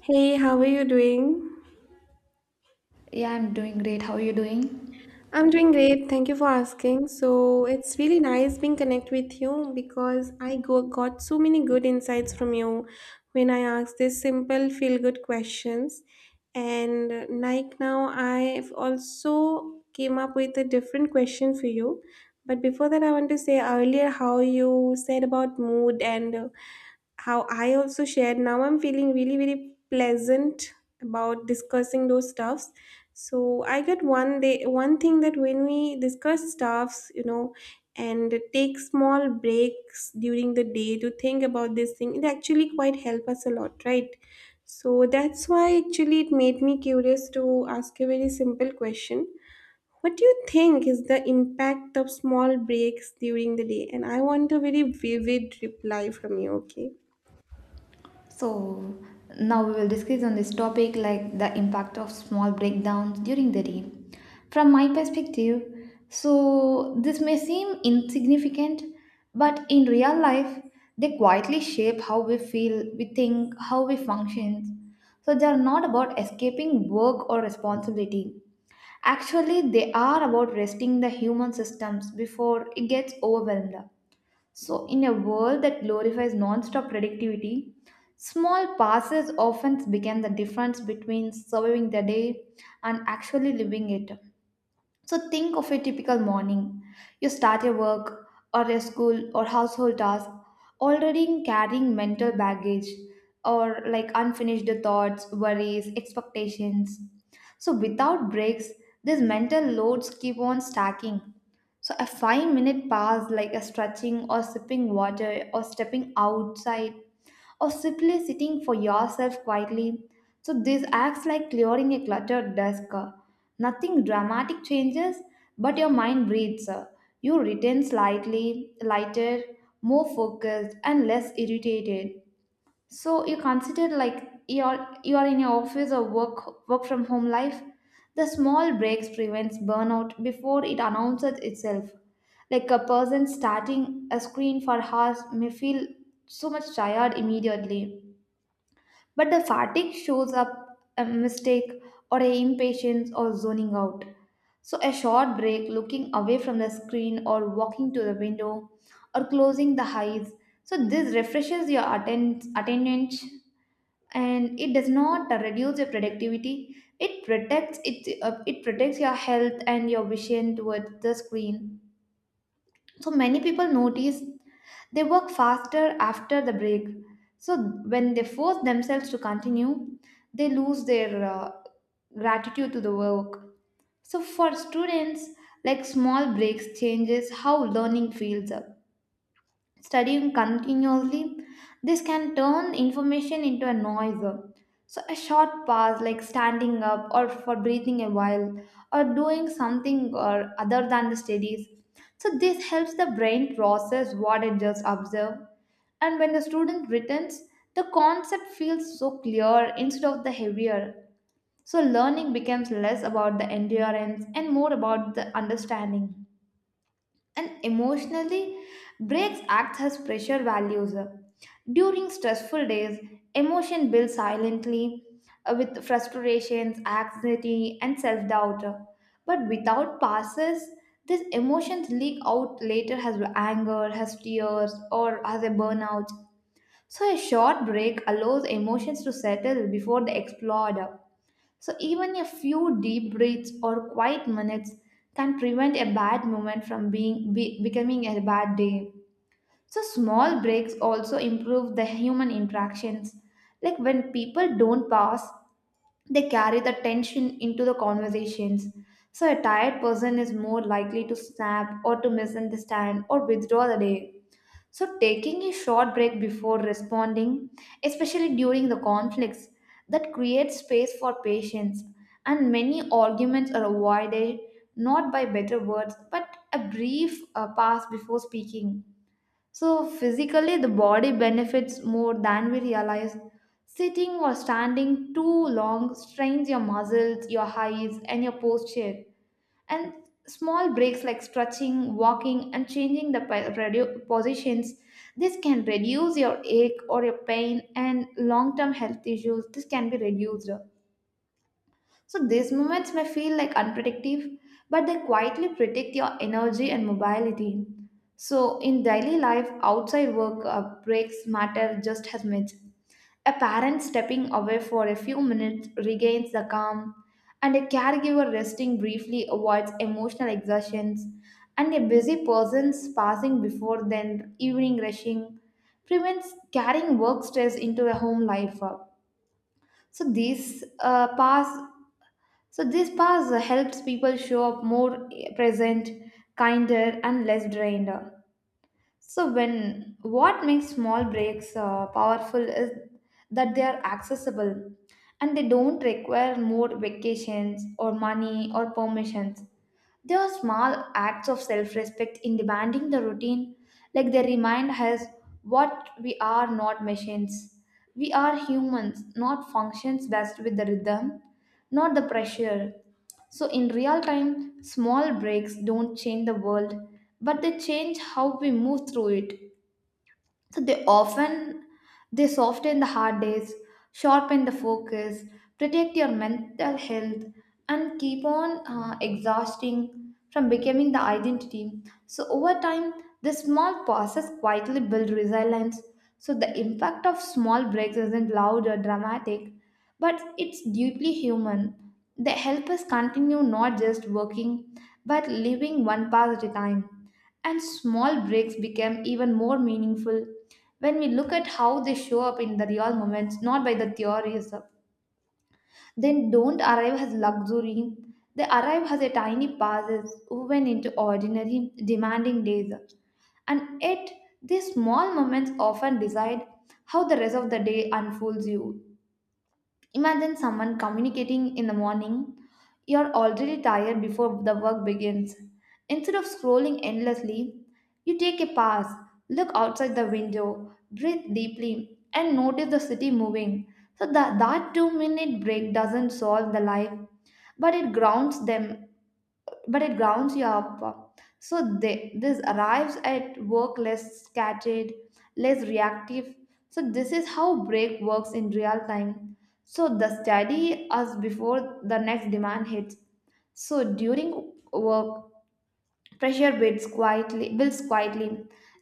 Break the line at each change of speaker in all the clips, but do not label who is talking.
Hey, how are you doing?
Yeah, I'm doing great. How are you doing?
I'm doing great. Thank you for asking. So, it's really nice being connected with you because got so many good insights from you when I asked these simple feel good questions. And like now, I've also came up with a different question for you. But before that, I want to say earlier how you said about mood and how I also shared. Now I'm feeling really, really pleasant about discussing those stuffs. So I get one day one thing that when we discuss stuffs, you know, and take small breaks during the day to think about this thing, it actually quite help us a lot, right? So that's why actually it made me curious to ask a very simple question. What do you think is the impact of small breaks during the day? And I want a very vivid reply from you, okay?
So, now we will discuss on this topic like the impact of small breakdowns during the day. From my perspective, so this may seem insignificant, but in real life, they quietly shape how we feel, we think, how we function. So, they are not about escaping work or responsibility. Actually, they are about resting the human systems before it gets overwhelmed. So, in a world that glorifies non-stop productivity, small passes often become the difference between surviving the day and actually living it. So, think of a typical morning. You start your work or a school or household task already carrying mental baggage or like unfinished thoughts, worries, expectations. So, without breaks, these mental loads keep on stacking, so a 5 minute pass like a stretching or sipping water or stepping outside or simply sitting for yourself quietly. So this acts like clearing a cluttered desk. Nothing dramatic changes, but your mind breathes. You return slightly lighter, more focused and less irritated. So you consider like you're in your office or work from home life. The small breaks prevents burnout before it announces itself. Like a person starting a screen for hours may feel so much tired immediately, but the fatigue shows up a mistake or a impatience or zoning out. So a short break, looking away from the screen or walking to the window or closing the eyes. So this refreshes your attention, and it does not reduce your productivity, it protects it, it protects your health and your vision towards the screen. So many people notice they work faster after the break. So when they force themselves to continue, they lose their gratitude to the work. So for students, like small breaks changes how learning feels. Studying continuously, this can turn information into a noise. So, a short pause, like standing up or for breathing a while, or doing something or other than the studies. So, this helps the brain process what it just observed. And when the student returns, the concept feels so clear instead of the heavier. So, learning becomes less about the endurance and more about the understanding. And emotionally, breaks act as pressure values during stressful days. Emotion builds silently, with frustrations, anxiety and self-doubt, but without passes these emotions leak out later as anger, as tears or as a burnout. So a short break allows emotions to settle before they explode. So, even a few deep breaths or quiet minutes can prevent a bad moment from becoming a bad day. So, small breaks also improve the human interactions. Like when people don't pause, they carry the tension into the conversations. So, a tired person is more likely to snap or to misunderstand or withdraw the day. So, taking a short break before responding, especially during the conflicts, that creates space for patience. And many arguments are avoided not by better words but a brief pause before speaking. So, physically, the body benefits more than we realize. Sitting or standing too long strains your muscles, your eyes, and your posture. And small breaks like stretching, walking and changing the positions, this can reduce your ache or your pain, and long term health issues this can be reduced. So these moments may feel like unpredictable, but they quietly predict your energy and mobility. So in daily life, outside work, breaks matter just as much. A parent stepping away for a few minutes regains the calm, and a caregiver resting briefly avoids emotional exertions, and a busy person's passing before then evening rushing prevents carrying work stress into a home life. So these pass so this pass helps people show up more present, kinder, and less drained. So when what makes small breaks powerful is that they are accessible, and they don't require more vacations or money or permissions. They are small acts of self-respect in demanding the routine, like they remind us what we are not machines. We are humans, not functions best with the rhythm, not the pressure. So, in real time, small breaks don't change the world, but they change how we move through it. So, they often they soften the hard days, sharpen the focus, protect your mental health, and keep on exhausting from becoming the identity. So, over time, the small pauses quietly build resilience. So, the impact of small breaks isn't loud or dramatic, but it's deeply human. They help us continue not just working, but living one path at a time. And small breaks become even more meaningful when we look at how they show up in the real moments, not by the theories, then don't arrive as luxury. They arrive as a tiny pauses woven into ordinary, demanding days. And yet, these small moments often decide how the rest of the day unfolds you. Imagine someone communicating in the morning. You're already tired before the work begins. Instead of scrolling endlessly, you take a pass, look outside the window, breathe deeply, and notice the city moving. So that 2 minute break doesn't solve the life, but it grounds them, but it grounds you up. So they, this arrives at work less scattered, less reactive. So this is how break works in real time. So the study us before the next demand hits. So during work, pressure builds quietly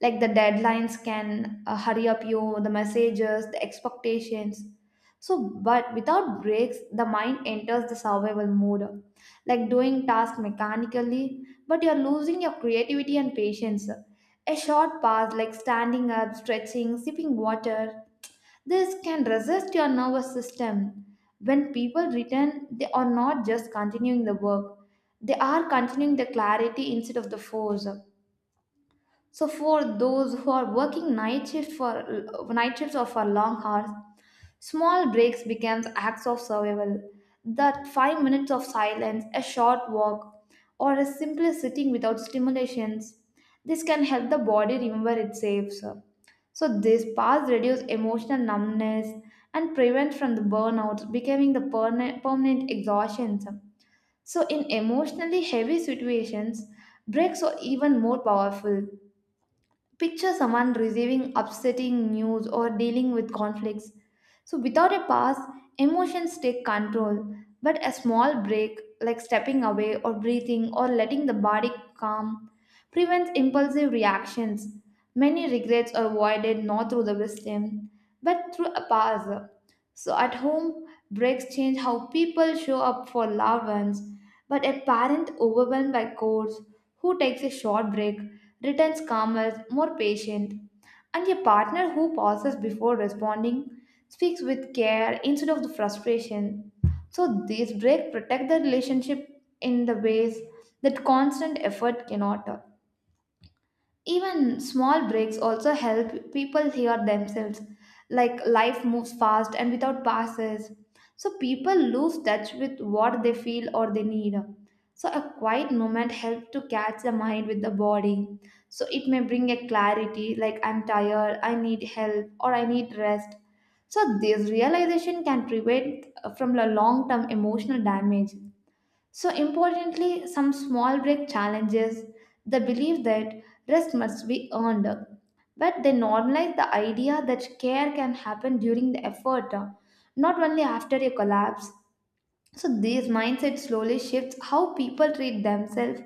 like the deadlines can hurry up you, the messages, the expectations. So but without breaks the mind enters the survival mode, like doing tasks mechanically, but you're losing your creativity and patience. A short pause like standing up, stretching, sipping water, this can resist your nervous system. When people return, they are not just continuing the work, they are continuing the clarity instead of the force. So, for those who are working night shifts or for long hours, small breaks became acts of survival. That 5 minutes of silence, a short walk, or a simple sitting without stimulations, this can help the body remember it's safe, sir. So this pause reduce emotional numbness and prevent from the burnout becoming the permanent exhaustion, sir. So in emotionally heavy situations, breaks are even more powerful. Picture someone receiving upsetting news or dealing with conflicts. So, without a pause, emotions take control, but a small break, like stepping away or breathing or letting the body calm, prevents impulsive reactions. Many regrets are avoided not through the wisdom, but through a pause. So, at home, breaks change how people show up for loved ones, but a parent overwhelmed by chores who takes a short break, returns calmer, more patient, and a partner who pauses before responding, speaks with care instead of the frustration. So these breaks protect the relationship in the ways that constant effort cannot. Even small breaks also help people hear themselves, like life moves fast and without pauses. So people lose touch with what they feel or they need. So a quiet moment helps to catch the mind with the body. So it may bring a clarity like I'm tired, I need help, or I need rest. So this realization can prevent from a long-term emotional damage. So, importantly, some small break challenges the belief that rest must be earned, but they normalize the idea that care can happen during the effort, not only after a collapse. So these mindset slowly shifts how people treat themselves,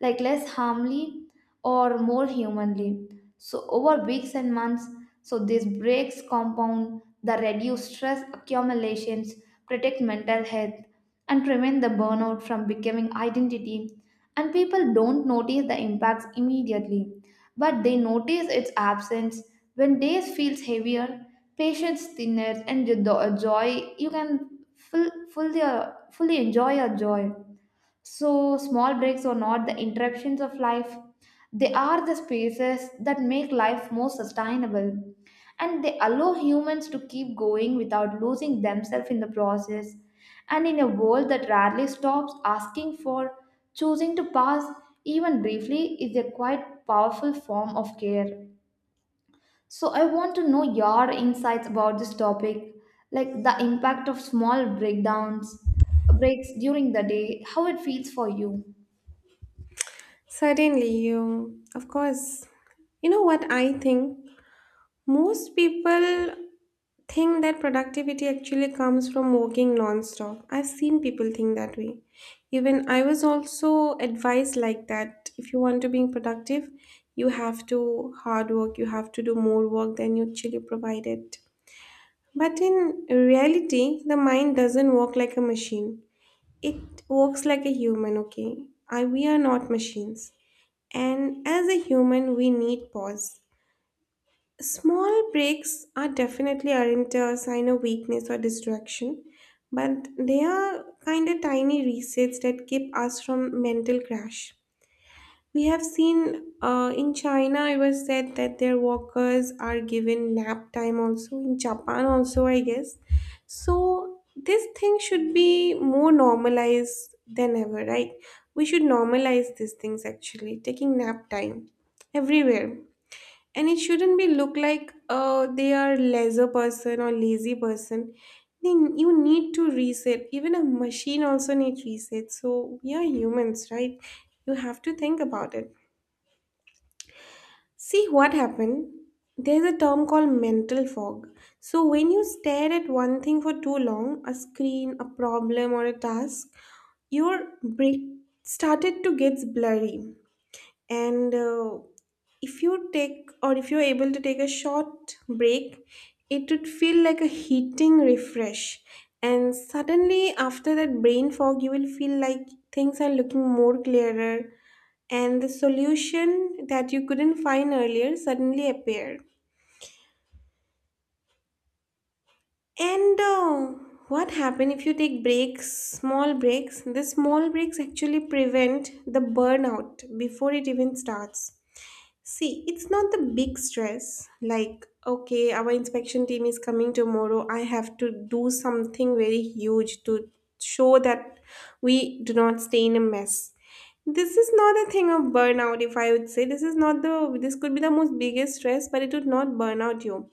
like less harmly or more humanly. So over weeks and months, so these breaks compound the reduced stress accumulations, protect mental health, and prevent the burnout from becoming identity. And people don't notice the impacts immediately, but they notice its absence when days feels heavier, patience thinner, and the joy you can full, fully, fully enjoy your joy. So, small breaks are not the interruptions of life, they are the spaces that make life more sustainable. And they allow humans to keep going without losing themselves in the process. And in a world that rarely stops asking for, choosing to pass, even briefly, is a quite powerful form of care. So, I want to know your insights about this topic, like the impact of small breakdowns, breaks during the day, how it feels for you.
Certainly, you, of course. You know what I think? Most people think that productivity actually comes from working non-stop. I've seen people think that way. Even I was also advised like that. If you want to be productive, you have to hard work, you have to do more work than you actually provided. But in reality, the mind doesn't work like a machine. It works like a human, okay? We are not machines, and as a human, we need pause. Small breaks are definitely aren't a sign of weakness or distraction, but they are kind of tiny resets that keep us from mental crash. We have seen in China, it was said that their workers are given nap time also, in Japan also, I guess. So, this thing should be more normalized than ever, right? We should normalize these things actually, taking nap time everywhere. And it shouldn't be look like they are lesser person or lazy person. Then you need to reset. Even a machine also needs reset. So we are humans, right? You have to think about it. See what happened? There's a term called mental fog. So, when you stare at one thing for too long, a screen, a problem, or a task, your brain started to get blurry and if you take or if you're able to take a short break, it would feel like a heating refresh, and suddenly after that brain fog you will feel like things are looking more clearer, and the solution that you couldn't find earlier suddenly appear and What happen if you take breaks, small breaks, the small breaks actually prevent the burnout before it even starts. See, it's not the big stress like, okay, our inspection team is coming tomorrow. I have to do something very huge to show that we do not stay in a mess. This is not a thing of burnout, if I would say. This is not the, this could be the most biggest stress, but it would not burn out you.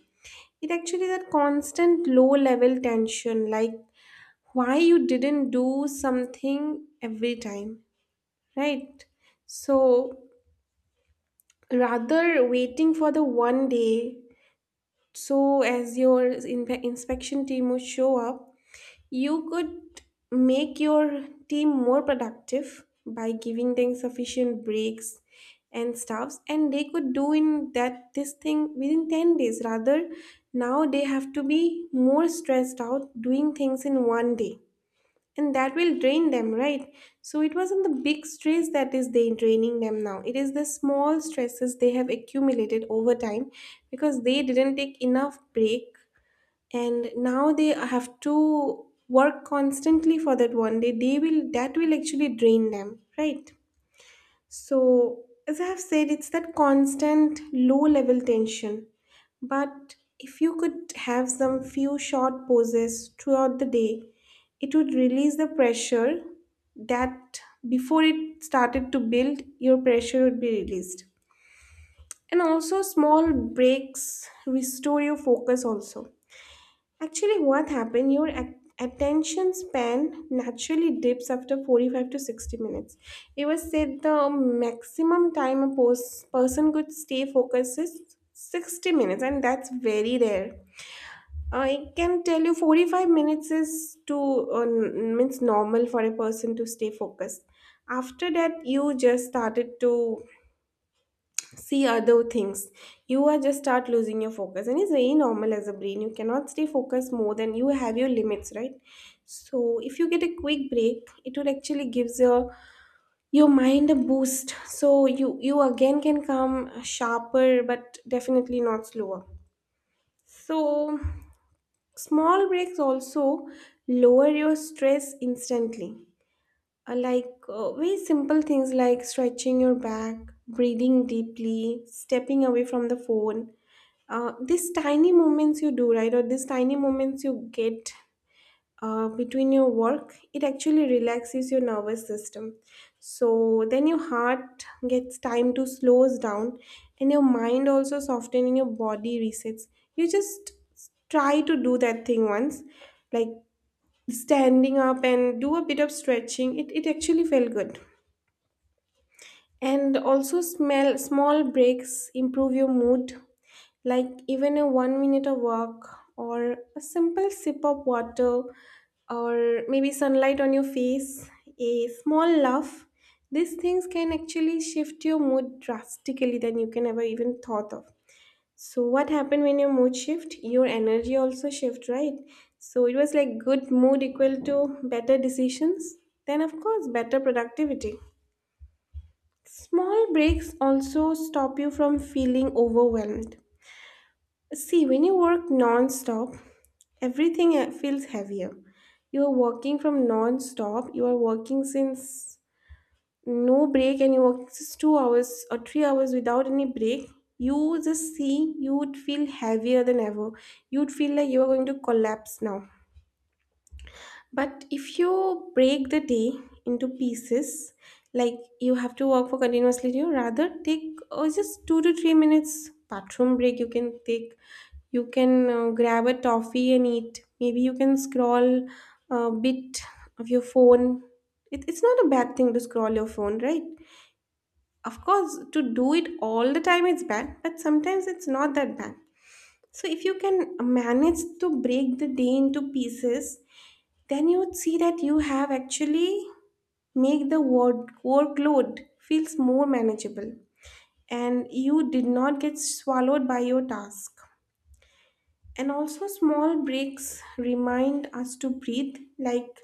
It actually that constant low level tension, like why you didn't do something every time, right? So rather waiting for the one day so as your inspection team would show up, you could make your team more productive by giving them sufficient breaks and stuffs, and they could do in that this thing within 10 days. Rather, now they have to be more stressed out doing things in one day, and that will drain them, right? So it wasn't the big stress that is they draining them, now it is the small stresses they have accumulated over time because they didn't take enough break, and now they have to work constantly for that one day, they will that will actually drain them, right? So, as I have said, it's that constant low level tension. But if you could have some few short pauses throughout the day, it would release the pressure that, before it started to build, your pressure would be released. And also, small breaks restore your focus, also. Actually, what happened? Your attention span naturally dips after 45 to 60 minutes. It was said the maximum time a person could stay focused is 60 minutes, and that's very rare. I can tell you 45 minutes is too means normal for a person to stay focused. After that, you just started to see other things, you are just start losing your focus, and it's very normal, as a brain you cannot stay focused more than you have your limits, right? So if you get a quick break, it would actually gives your mind a boost, so you again can come sharper but definitely not slower. So small breaks also lower your stress instantly. Very simple things like stretching your back, breathing deeply, stepping away from the phone, these tiny moments you do right, or these tiny moments you get between your work, it actually relaxes your nervous system. So then your heart gets time to slows down, and your mind also softens and your body resets. You just try to do that thing once, like standing up and do a bit of stretching, it actually felt good. And also smell small breaks improve your mood, like even a 1 minute of walk or a simple sip of water or maybe sunlight on your face, a small laugh. These things can actually shift your mood drastically than you can ever even thought of. So what happened when your mood shift? Your energy also shift, right? So it was like good mood equal to better decisions, then of course better productivity. Small breaks also stop you from feeling overwhelmed. See, when you work non stop, everything feels heavier. You are working from non stop, you are working since no break, and you work just 2 hours or 3 hours without any break. You just see, you would feel heavier than ever. You'd feel like you are going to collapse now. But if you break the day into pieces, like you have to work for continuously, you rather take oh, just 2 to 3 minutes bathroom break. You can take, you can grab a toffee and eat. Maybe you can scroll a bit of your phone. It's not a bad thing to scroll your phone, right? Of course, to do it all the time it's bad, but sometimes it's not that bad. So if you can manage to break the day into pieces, then you'd see that you have actually workload feels more manageable, and you did not get swallowed by your task. And also small breaks remind us to breathe, like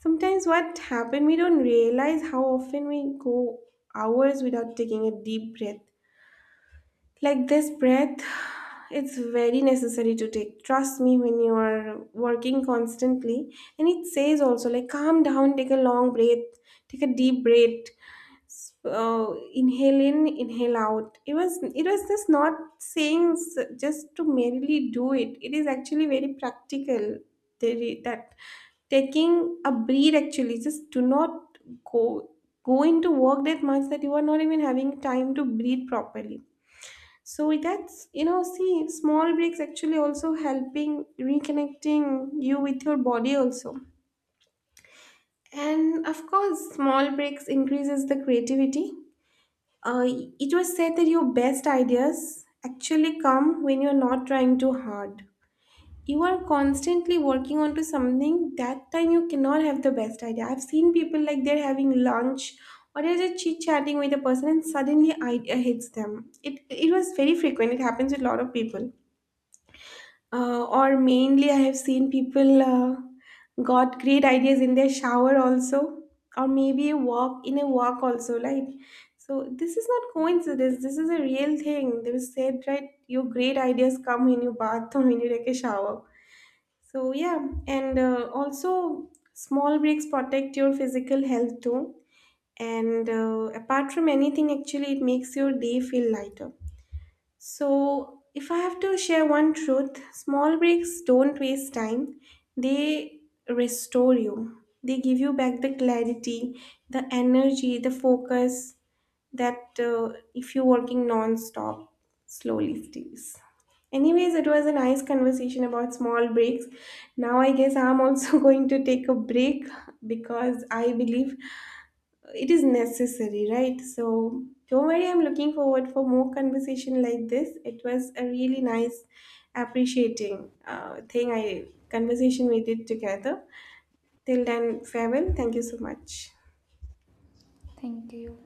sometimes what happen we don't realize how often we go hours without taking a deep breath. Like this breath, it's very necessary to take. Trust me, when you are working constantly, and it says also like calm down, take a long breath, take a deep breath, so inhale in, inhale out. It was just not just to merely do it. It is actually very practical. That taking a breathe actually just do not go go into work that much that you are not even having time to breathe properly. So that's, you know, see, small breaks actually also helping reconnecting you with your body also. And of course, small breaks increases the creativity. Uh, it was said that your best ideas actually come when you're not trying too hard. You are constantly working onto something, that time you cannot have the best idea. I've seen people like they're having lunch or they're just chit chatting with a person and suddenly idea hits them. It was very frequent, it happens with a lot of people, or mainly I have seen people got great ideas in their shower also, or maybe a walk in a walk also, like. So this is not coincidence, this is a real thing, they was said, right? Your great ideas come when you bath or when you take a shower. So yeah. and also small breaks protect your physical health too, and apart from anything actually it makes your day feel lighter. So, if I have to share one truth, small breaks don't waste time. They restore you. They give you back the clarity, the energy, the focus that, if you're working non-stop, slowly steals. Anyways, it was a nice conversation about small breaks. Now I guess I'm also going to take a break because I believe it is necessary, right? So don't worry, I'm looking forward for more conversation like this. It was a really nice appreciating thing I conversation we did together. Till then, farewell. Thank you so much.
Thank you.